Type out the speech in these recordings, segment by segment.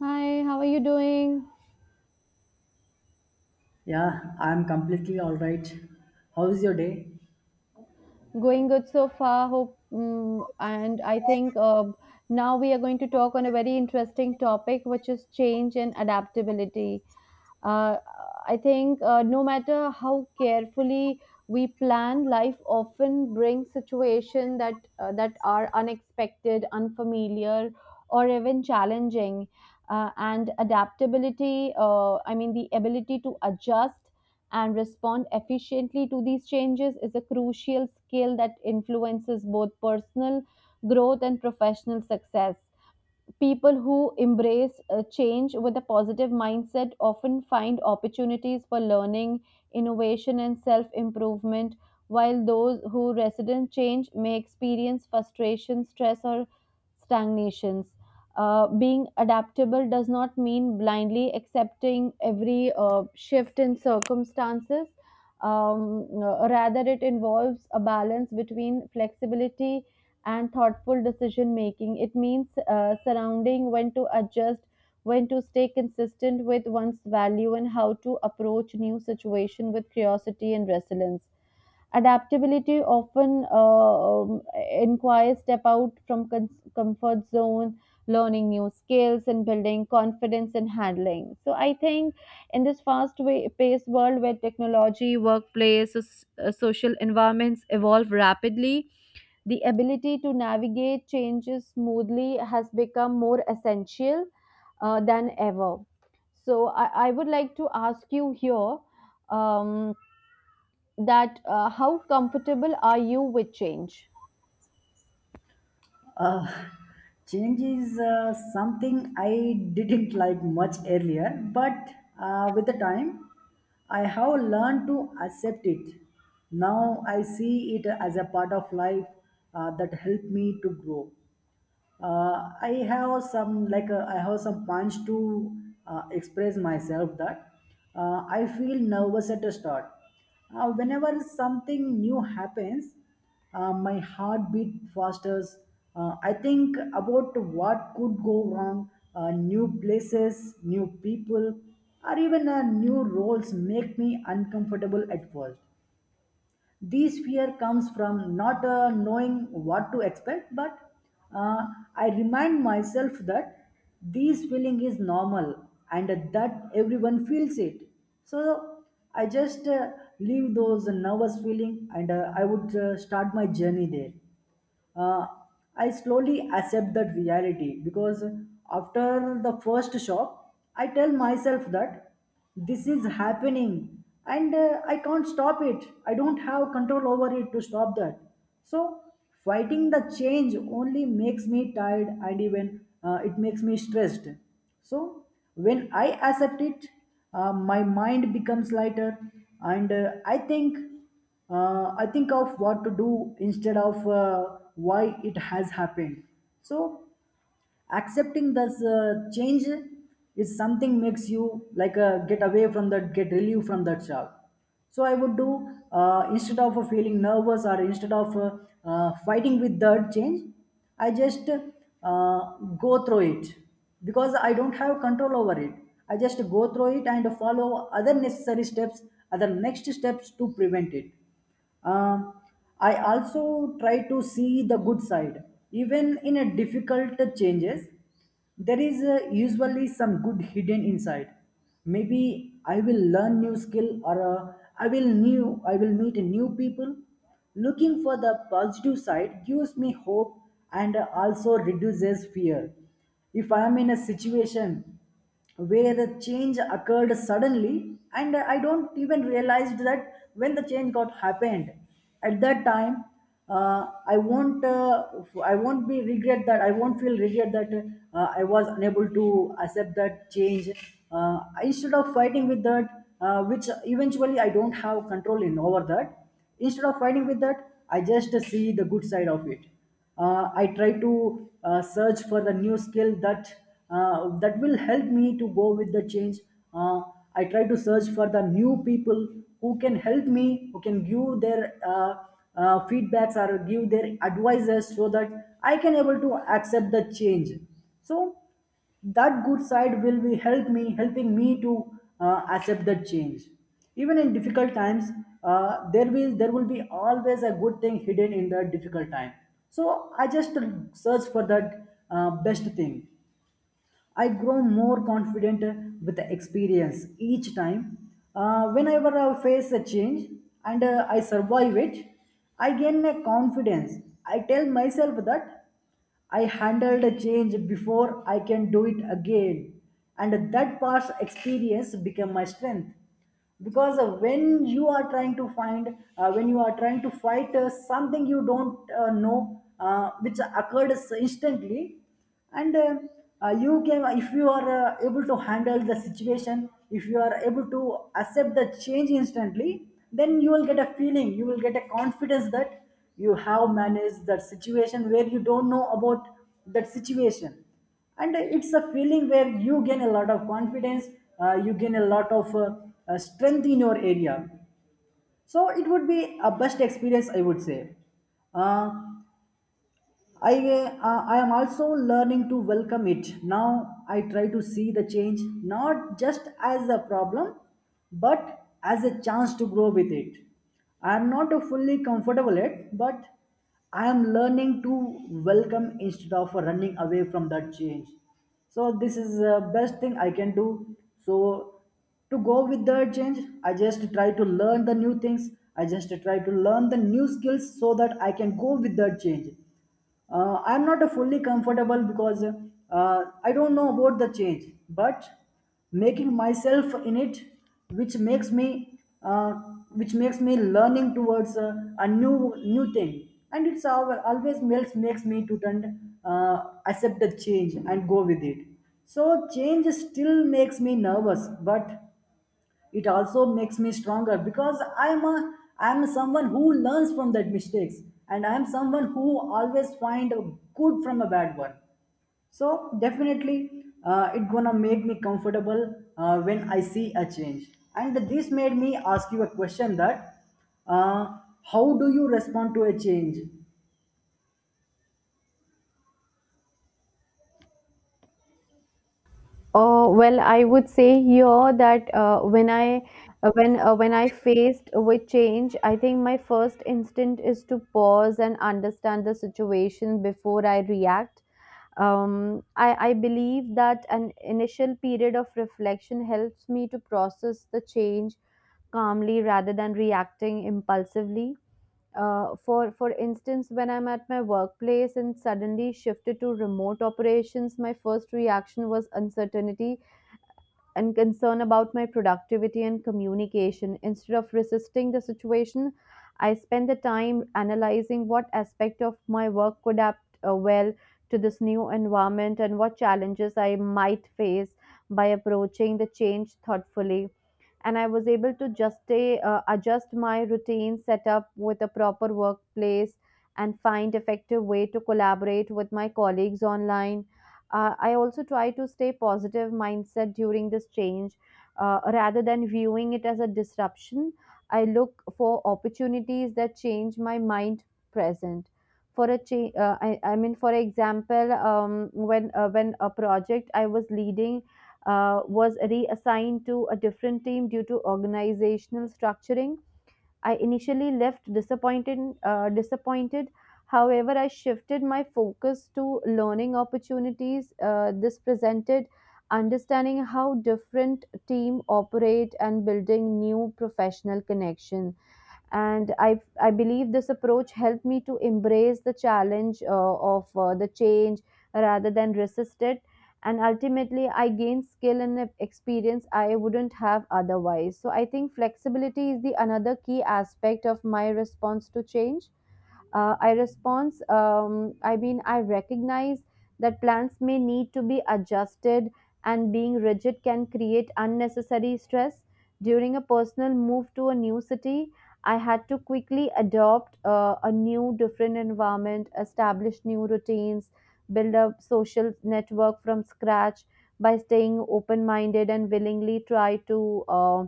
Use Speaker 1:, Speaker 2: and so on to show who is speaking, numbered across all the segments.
Speaker 1: Hi, how are you doing?
Speaker 2: Yeah, I'm completely all right. How's your day?
Speaker 1: Going good so far, hope. And I think now we are going to talk on a very interesting topic, which is change and adaptability. Uh, I think No matter how carefully we plan, life often brings situations that are unexpected, unfamiliar, or even challenging. And adaptability, I mean, the ability to adjust and respond efficiently to these changes is a crucial skill that influences both personal growth and professional success. People who embrace change with a positive mindset often find opportunities for learning, innovation, and self improvement, while those who resist change may experience frustration, stress, or stagnations. Being adaptable does not mean blindly accepting every shift in circumstances. Rather, it involves a balance between flexibility and thoughtful decision making. It means surrounding when to adjust, when to stay consistent with one's value, and how to approach new situation with curiosity and resilience. Adaptability often inquires step out from comfort zone, learning new skills, and building confidence in handling. So I think in this fast way paced world where technology, workplace, social environments evolve rapidly, the ability to navigate changes smoothly has become more essential than ever. So, I would like to ask you here um, that how comfortable are you with change?
Speaker 2: Uh, Change is something I didn't like much earlier, but with the time, I have learned to accept it. Now I see it as a part of life that helped me to grow. I have some like I have some punch to express myself that I feel nervous at the start whenever something new happens. My heart beat faster. I think about what could go wrong. New places, new people, or even new roles make me uncomfortable at first. This fear comes from not knowing what to expect, but uh, I remind myself that this feeling is normal and that everyone feels it. So I just leave those nervous feeling and I would start my journey there. uh, I slowly accept that reality, because after the first shock, I tell myself that this is happening and I can't stop it. I don't have control over it to stop that. So, fighting the change only makes me tired, and even it makes me stressed. So, when I accept it, my mind becomes lighter, and I think of what to do instead of why it has happened. So accepting this change is something makes you like get away from that, get relief from that job. So I would do instead of feeling nervous, or instead of fighting with that change, I just go through it, because I don't have control over it. I just go through it and follow other necessary steps, other next steps to prevent it. Um, I also try to see the good side. Even in a difficult changes, there is usually some good hidden inside. Maybe I will learn new skill, or I will meet new people. Looking for the positive side gives me hope, and also reduces fear. If I am in a situation where the change occurred suddenly and I don't even realized that when the change got happened, at that time uh, i won't uh, I won't be regret that, I won't feel regret that I was unable to accept that change, instead of fighting with that, which eventually I don't have control in over that. Instead of fighting with that, I just see the good side of it. I try to search for the new skill that that will help me to go with the change. uh, I try to search for the new people who can help me, who can give their feedbacks, or give their advices, so that I can able to accept the change. So that good side will be help me, helping me to accept that change. Even in difficult times, there will be always a good thing hidden in the difficult time. So I just search for that best thing. I grow more confident with the experience each time. Whenever I face a change and I survive it, I gain a confidence. I tell myself that I handled a change before, I can do it again, and that past experience became my strength. Because when you are trying to find when you are trying to fight something you don't know which occurred instantly, and you can, if you are able to handle the situation, if you are able to accept the change instantly, then you will get a feeling, you will get a confidence that you have managed that situation where you don't know about that situation. And it's a feeling where you gain a lot of confidence. You gain a lot of strength in your area. So it would be a best experience, I would say. uh, I am also learning to welcome it. Now I try to see the change not just as a problem, but as a chance to grow with it. I am not fully comfortable yet, but I am learning to welcome instead of running away from that change. So this is the best thing I can do. So to go with the change, I just try to learn the new things. I just try to learn the new skills so that I can go with the change. I'm not fully comfortable, because I don't know about the change, but making myself in it, which makes me uh, which makes me learning towards a new thing. And it's always makes me to turn, uh, accept the change and go with it. So change still makes me nervous, but it also makes me stronger, because I'm someone who learns from that mistakes, and I'm someone who always find a good from a bad one. So definitely it gonna make me comfortable when I see a change. And this made me ask you a question that uh, how do you respond to a change?
Speaker 1: Well, I would say here that when I faced with change, I think my first instinct is to pause and understand the situation before I react. I believe that an initial period of reflection helps me to process the change calmly rather than reacting impulsively. For instance, when I'm at my workplace and suddenly shifted to remote operations, my first reaction was uncertainty and concern about my productivity and communication. Instead of resisting the situation, I spend the time analyzing what aspect of my work could adapt well to this new environment and what challenges I might face by approaching the change thoughtfully, and I was able to just stay, adjust my routine set up with a proper workplace and find effective way to collaborate with my colleagues online. I also try to stay positive mindset during this change rather than viewing it as a disruption. I look for opportunities that change my mind present. For a change, I mean, for example, when a project I was leading was reassigned to a different team due to organizational structuring. I initially left disappointed. Disappointed. However, I shifted my focus to learning opportunities. This presented understanding how different team operate and building new professional connection, and I believe this approach helped me to embrace the challenge of the change rather than resist it. And ultimately, I gained skill and experience I wouldn't have otherwise. So I think flexibility is the another key aspect of my response to change. I mean, I recognize that plans may need to be adjusted and being rigid can create unnecessary stress. During a personal move to a new city, I had to quickly adopt a new different environment, establish new routines, build a social network from scratch by staying open minded and willingly try to uh,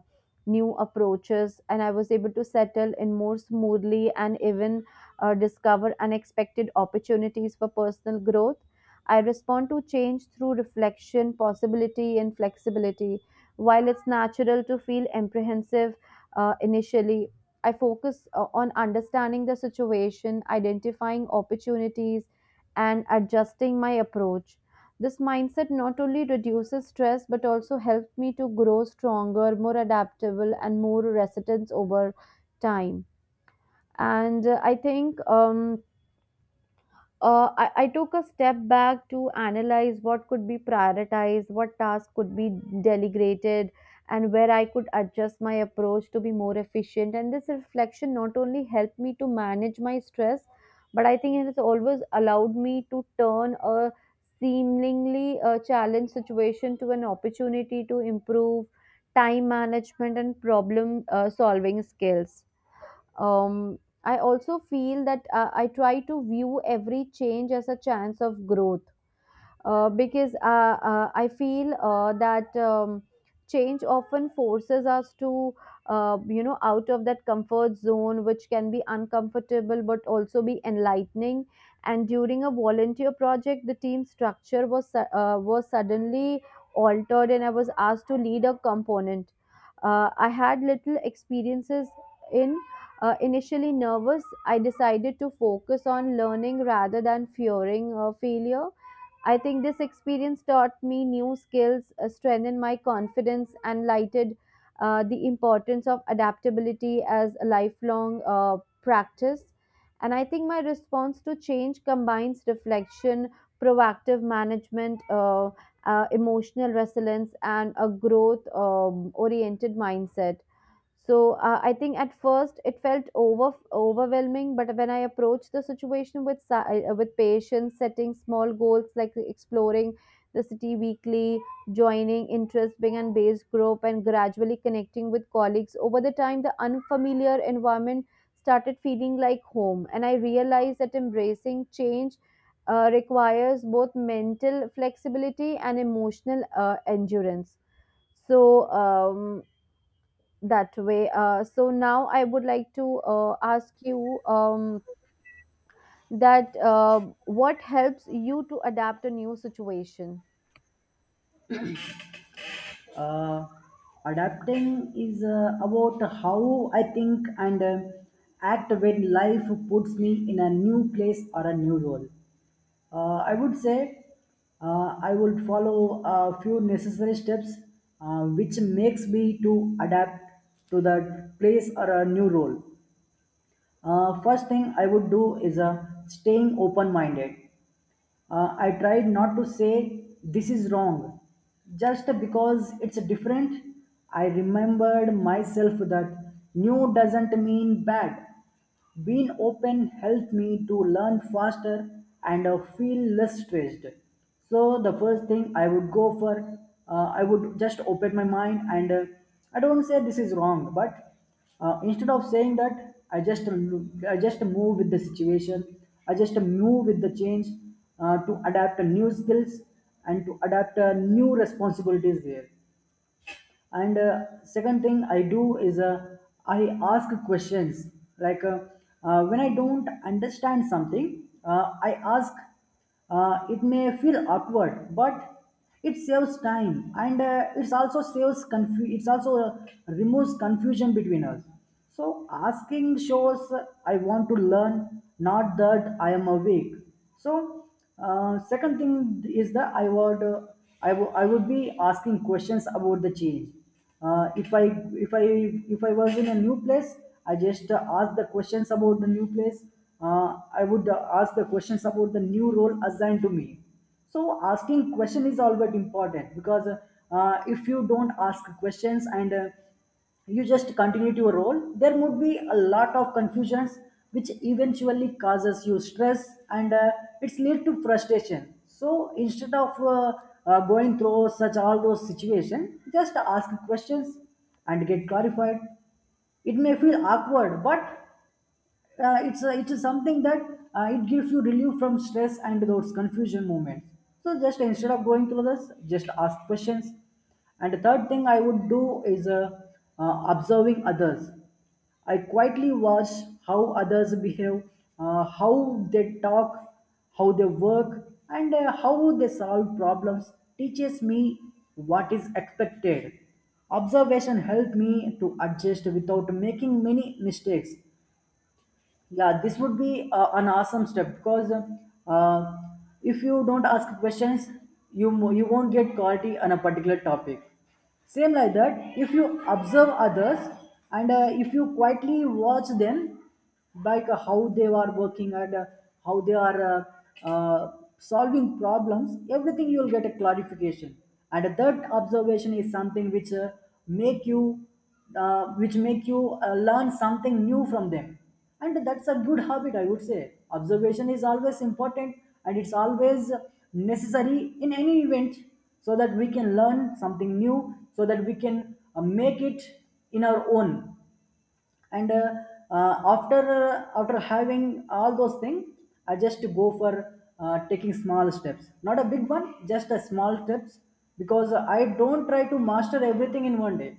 Speaker 1: new approaches, and I was able to settle in more smoothly and even discover unexpected opportunities for personal growth. I respond to change through reflection, possibility, and flexibility. While it's natural to feel apprehensive initially, I focus on understanding the situation, identifying opportunities, and adjusting my approach. This mindset not only reduces stress but also helps me to grow stronger, more adaptable, and more resilient over time. And I took a step back to analyze what could be prioritized, what tasks could be delegated, and where I could adjust my approach to be more efficient. And this reflection not only helped me to manage my stress, but I think it has always allowed me to turn a seemingly challenge situation to an opportunity to improve time management and problem solving skills. um, I also feel that I try to view every change as a chance of growth because I feel that change often forces us to, you know, out of that comfort zone, which can be uncomfortable but also be enlightening. And during a volunteer project, the team structure was suddenly altered, and I was asked to lead a component. I had little experiences in. Initially nervous, I decided to focus on learning rather than fearing failure. I think this experience taught me new skills, strengthened my confidence, and lighted the importance of adaptability as a lifelong practice. And I think my response to change combines reflection, proactive management, emotional resilience, and a growth oriented mindset. So I think at first it felt overwhelming, but when I approached the situation with with patience, setting small goals like exploring the city weekly, joining interest-based and based group, and gradually connecting with colleagues, over the time the unfamiliar environment started feeling like home, and I realized that embracing change requires both mental flexibility and emotional endurance. so um, that way. So now I would like to ask you that what helps you to adapt a new situation?
Speaker 2: uh, Adapting is about how I think and act when life puts me in a new place or a new role. I would say I would follow a few necessary steps, which makes me to adapt to the place or a new role. First thing I would do is staying open-minded. I tried not to say this is wrong just because it's different. I remembered myself that new doesn't mean bad. Being open helped me to learn faster and feel less stressed. So the first thing I would go for, I would just open my mind, and I don't say this is wrong, but instead of saying that, I just I just move with the situation, I just move with the change, to adapt a new skills and to adapt new responsibilities there. And second thing I do is I ask questions, like when I don't understand something, I ask. It may feel awkward, but it saves time, and it's also saves it's also removes confusion between us. So asking shows I want to learn, not that I am awake. So second thing is that I would I would be asking questions about the change. Uh, if I if I if I was in a new place, I just ask the questions about the new place. I would ask the questions about the new role assigned to me. So asking question is always important, because if you don't ask questions and you just continue your role, there would be a lot of confusions, which eventually causes you stress, and it's lead to frustration. So instead of going through such all those situations, just ask questions and get clarified. It may feel awkward, but it's a something that it gives you relief from stress and those confusion moments. So just instead of going through this, just ask questions. And the third thing I would do is observing others. I quietly watch how others behave, how they talk, how they work, and how they solve problems teaches me what is expected. Observation helped me to adjust without making many mistakes. Yeah, this would be an awesome step, because uh, if you don't ask questions, you you won't get clarity on a particular topic. Same like that, if you observe others and if you quietly watch them, like how they are working, and how they are uh, uh, solving problems, everything, you will get a clarification. And that observation is something which make you, which make you learn something new from them. And that's a good habit, I would say. Observation is always important, and it's always necessary in any event, so that we can learn something new, so that we can make it in our own. And after after having all those things, I just go for taking small steps, not a big one, just a small steps, because I don't try to master everything in one day.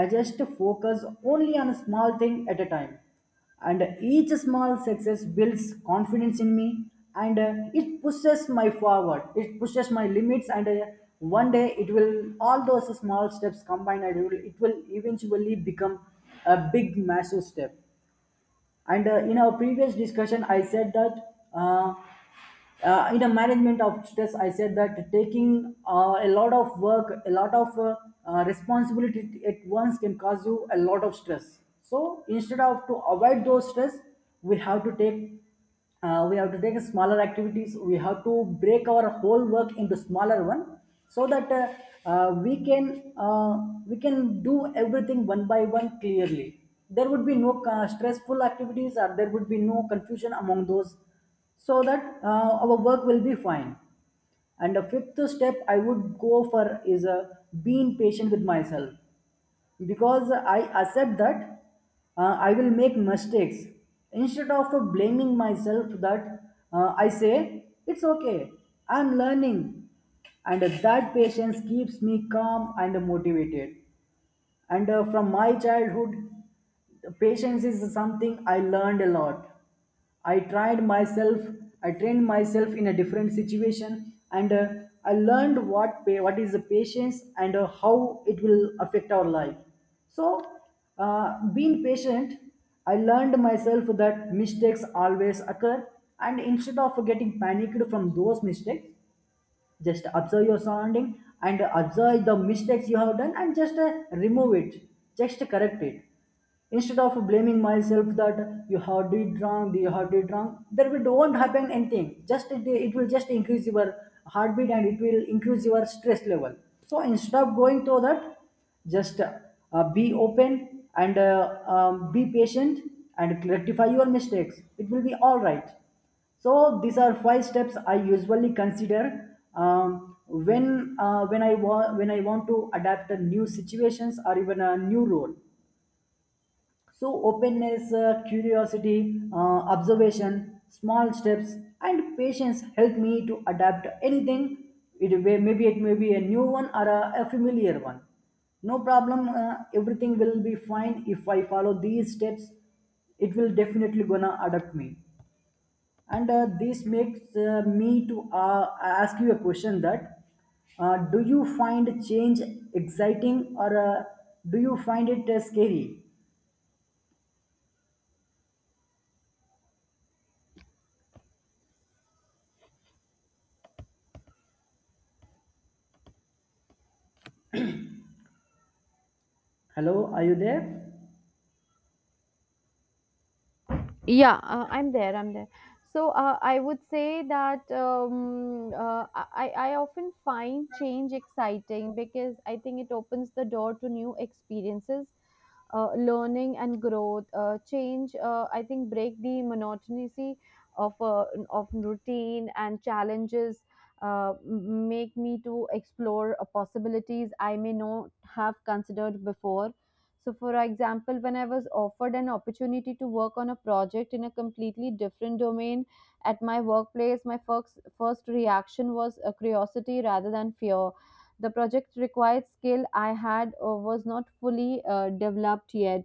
Speaker 2: I just focus only on a small thing at a time. And each small success builds confidence in me, and it pushes my forward. It pushes my limits, and one day it will, all those small steps combined, and it will eventually become a big massive step. And in our previous discussion, I said that in a management of stress, I said that taking a lot of work, a lot of responsibility at once can cause you a lot of stress. So instead of to avoid those stress, we have to take we have to take smaller activities. We have to break our whole work into smaller one, so that uh, we can uh, we can do everything one by one clearly. There would be no stressful activities, or there would be no confusion among those, so that our work will be fine. And the fifth step I would go for is being patient with myself, because I accept that I will make mistakes. Instead of blaming myself, that I say it's okay. I'm learning, and that patience keeps me calm and motivated. And from my childhood, patience is something I learned a lot. I tried myself, I trained myself in a different situation, and I learned what is the patience, and how it will affect our life. So uh, being patient, I learned myself that mistakes always occur, and instead of getting panicked from those mistakes, just observe your surrounding and observe the mistakes you have done and just remove it, just correct it. Instead of blaming myself that you have did wrong, you have did wrong, there will do not happen anything, just it will just increase your heartbeat, and it will increase your stress level. So instead of going through that, just be open and be patient and rectify your mistakes, it will be all right. So these are five steps I usually consider when I want to adapt to new situations or even a new role. So openness, curiosity, observation, small steps, and patience help me to adapt to anything. Maybe it may be a new one or a familiar one. No problem. Everything will be fine if I follow these steps. It will definitely gonna adapt me. And this makes me to ask you a question that do you find change exciting, or do you find it scary? Hello, are you there?
Speaker 1: Yeah, I'm there. I'm there. So I would say that I often find change exciting because I think it opens the door to new experiences, learning and growth. Uh, change uh, i think break the monotony of uh, of routine and challenges. Make me to explore possibilities I may not have considered before. So for example, when I was offered an opportunity to work on a project in a completely different domain at my workplace, my first reaction was curiosity rather than fear. The project required skill I had was not fully developed yet,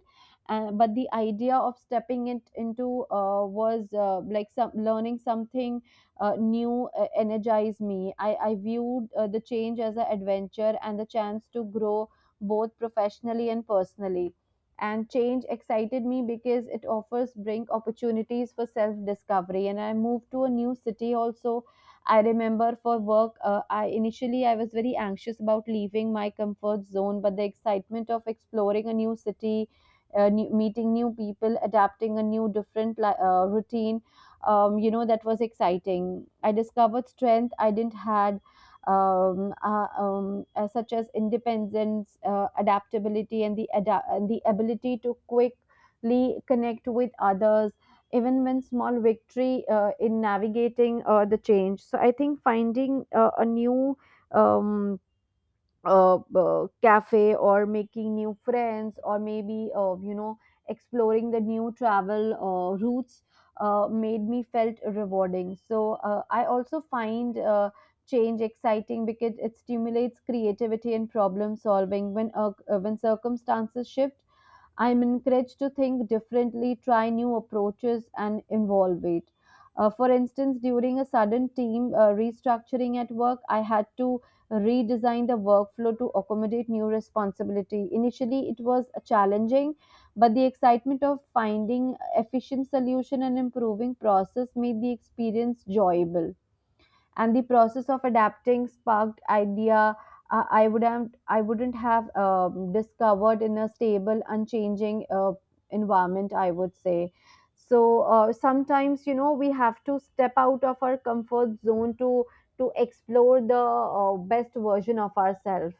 Speaker 1: but the idea of stepping it into was like some learning something new energized me. I viewed the change as an adventure and the chance to grow both professionally and personally. And change excited me because it offers bring opportunities for self discovery. And I moved to a new city also. I remember for work, I initially I was very anxious about leaving my comfort zone, but the excitement of exploring a new city, meeting new people, adapting a new different routine, you know, that was exciting. I discovered strength I didn't had. Such as independence, adaptability, and and the ability to quickly connect with others, even when small victory in navigating the change. So I think finding a new um, cafe or making new friends, or maybe you know, exploring the new travel routes made me felt rewarding. So I also find change exciting because it stimulates creativity and problem solving. When circumstances shift, I'm encouraged to think differently, try new approaches, and involve it. For instance, during a sudden team restructuring at work, I had to redesign the workflow to accommodate new responsibility. Initially, it was challenging, but the excitement of finding efficient solution and improving process made the experience enjoyable, and the process of adapting sparked idea I wouldn't have discovered in a stable, unchanging environment, I would say. So sometimes you know we have to step out of our comfort zone to explore the best version of ourselves.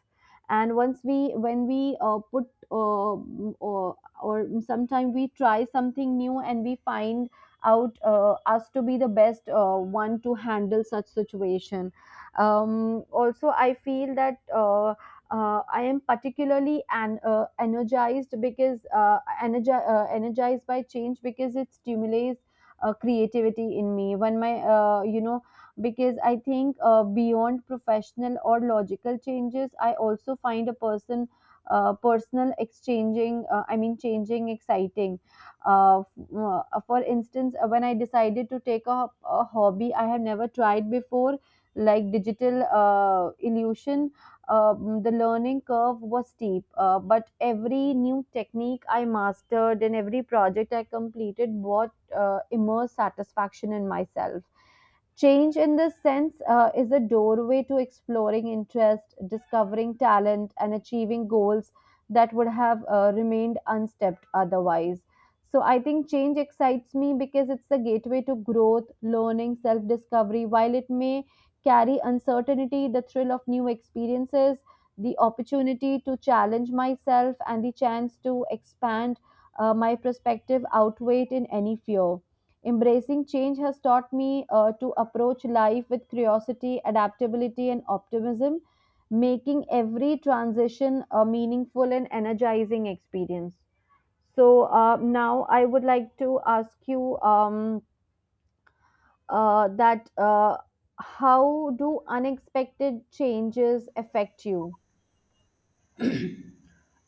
Speaker 1: And once we when we put uh, or sometimes we try something new and we find out us to be the best one to handle such situation. Also I feel that I am particularly an, energized because energized by change because it stimulates creativity in me. When my you know, because I think beyond professional or logical changes, I also find a personal exchanging. I mean, changing exciting. Uh, uh, for instance uh, when I decided to take a hobby I have never tried before, like digital illusion. The learning curve was steep, but every new technique I mastered and every project I completed brought immense satisfaction in myself. Change in this sense is a doorway to exploring interest, discovering talent, and achieving goals that would have remained unstepped otherwise. So I think change excites me because it's the gateway to growth, learning, self discovery. While it may carry uncertainty, the thrill of new experiences, the opportunity to challenge myself, and the chance to expand my perspective outweigh it in any fear. Embracing change has taught me to approach life with curiosity, adaptability, and optimism, making every transition a meaningful and energizing experience. So now I would like to ask you that how do unexpected changes affect you?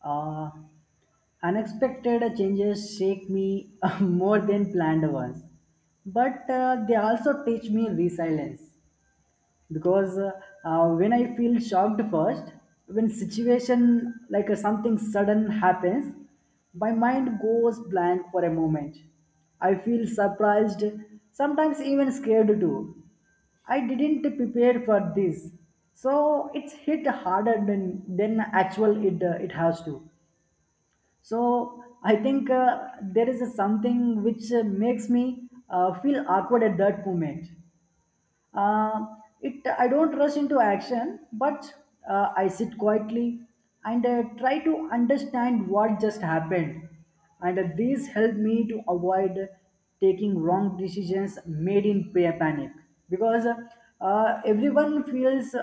Speaker 2: uh, Unexpected changes shake me more than planned ones, but they also teach me resilience. Because when I feel shocked first, when situation like something sudden happens, my mind goes blank for a moment. I feel surprised, sometimes even scared too. I didn't prepare for this, so it's hit harder than actual it it has to. So I think there is something which makes me feel awkward at that moment. It I don't rush into action, but I sit quietly and try to understand what just happened. And these help me to avoid taking wrong decisions made in panic. Because everyone feels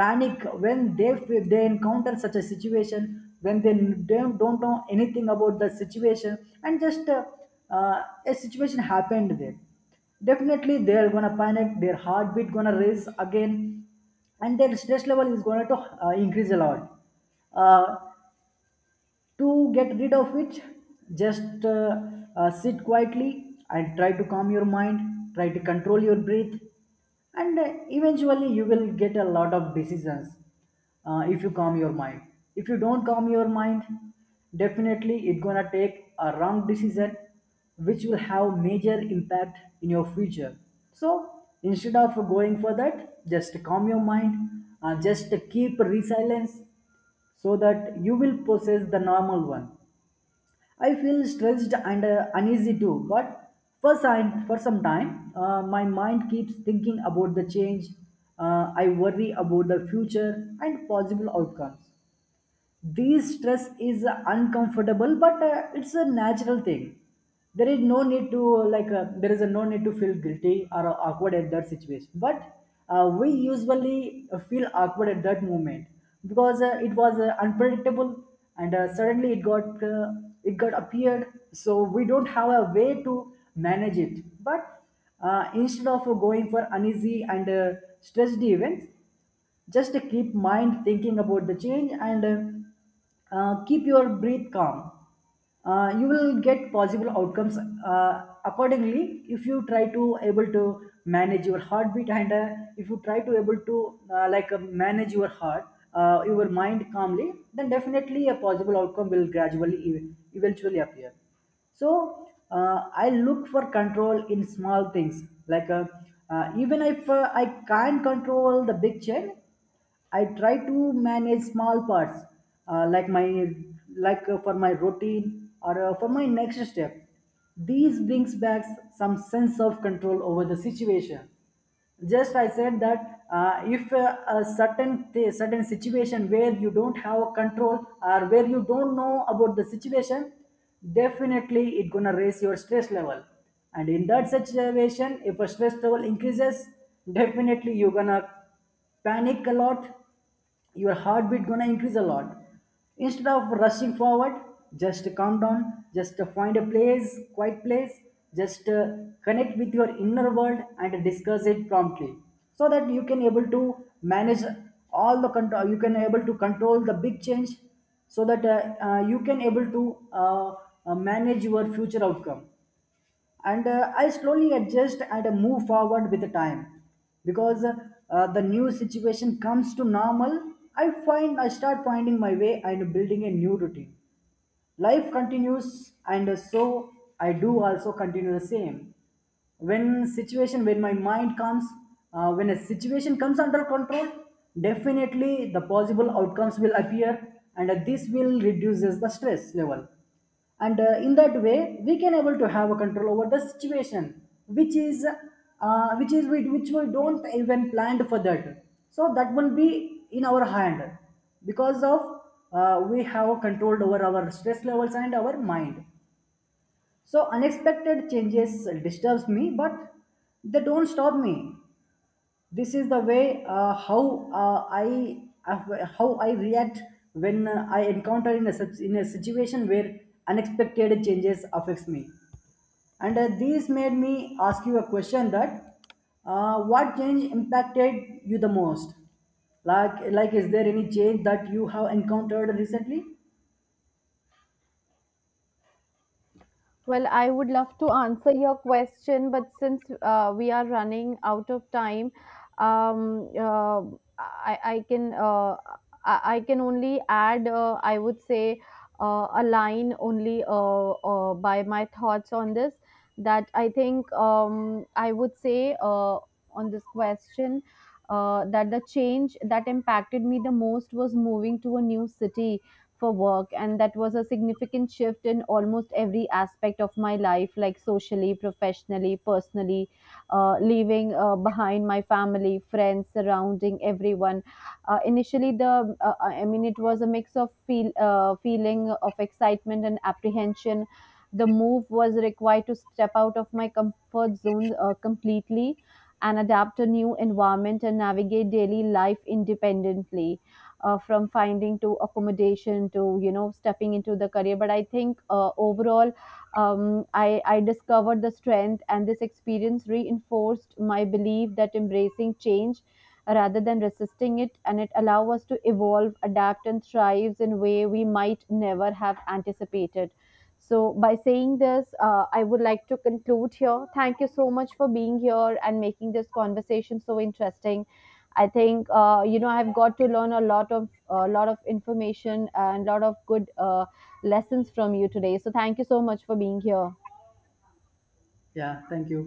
Speaker 2: panic when they encounter such a situation, when they don't know anything about the situation, and just a situation happened there, definitely they're gonna panic, their heartbeat gonna raise again, and their stress level is going to increase a lot. uh, to get rid of it, just sit quietly and try to calm your mind, try to control your breath, and eventually you will get a lot of decisions if you calm your mind. If you don't calm your mind, definitely it's gonna take a wrong decision which will have major impact in your future. So instead of going for that, just calm your mind, just keep resilience so that you will possess the normal one. I feel stressed and uneasy too, but for some time, my mind keeps thinking about the change. I worry about the future and possible outcomes. This stress is uncomfortable, but it's a natural thing. There is no need to there is a no need to feel guilty or awkward at that situation. But we usually feel awkward at that moment because it was unpredictable, and suddenly it got appeared. So we don't have a way to manage it. But instead of going for uneasy and stressed events, just keep mind thinking about the change and keep your breath calm. You will get possible outcomes accordingly, if you try to able to manage your heartbeat, and if you try to able to manage your heart, your mind calmly, then definitely a possible outcome will eventually appear. So uh, I look for control in small things, like even if I can't control the big change, I try to manage small parts, uh, like my like for my routine or for my next step. These brings back some sense of control over the situation. Just I said that if a certain certain situation where you don't have a control, or where you don't know about the situation, definitely it gonna raise your stress level. And in that situation, if a stress level increases, definitely you're gonna panic a lot, your heartbeat gonna increase a lot. Instead of rushing forward, just calm down, just find a place, quiet place, just connect with your inner world and discuss it promptly, so that you can able to manage all the control, you can able to control the big change, so that you can able to manage your future outcome. And I slowly adjust and move forward with the time. Because the new situation comes to normal, I start finding my way and building a new routine. Life continues, and so I do also continue the same. When my mind comes when a situation comes under control, definitely the possible outcomes will appear, and this will reduces the stress level. And in that way we can able to have a control over the situation which is which we don't even planned for, that so that will be in our hand. Because of we have controlled over our stress levels and our mind. So unexpected changes disturbs me, but they don't stop me. This is the way how I react when I encounter in a situation where unexpected changes affects me. And these made me ask you a question that what change impacted you the most? Like is there any change that you have encountered recently?
Speaker 1: Well, I would love to answer your question, but since we are running out of time, um, uh, I, I can uh, I can only add I would say a line only by my thoughts on this. That I think I would say on this question that the change that impacted me the most was moving to a new city for work, and that was a significant shift in almost every aspect of my life, like socially, professionally, personally, leaving behind my family, friends, surrounding, everyone. Initially the I mean, it was a mix of feeling of excitement and apprehension. The move was required to step out of my comfort zone completely, and adapt a new environment, and navigate daily life independently, from finding to accommodation to you know stepping into the career. But I think overall, I discovered the strength, and this experience reinforced my belief that embracing change rather than resisting it, and it allow us to evolve, adapt, and thrives in a way we might never have anticipated. So by saying this, I would like to conclude here. Thank you so much for being here and making this conversation so interesting. I think you know I've got to learn a lot of information and a lot of good lessons from you today. So thank you so much for being here.
Speaker 2: Yeah, thank you.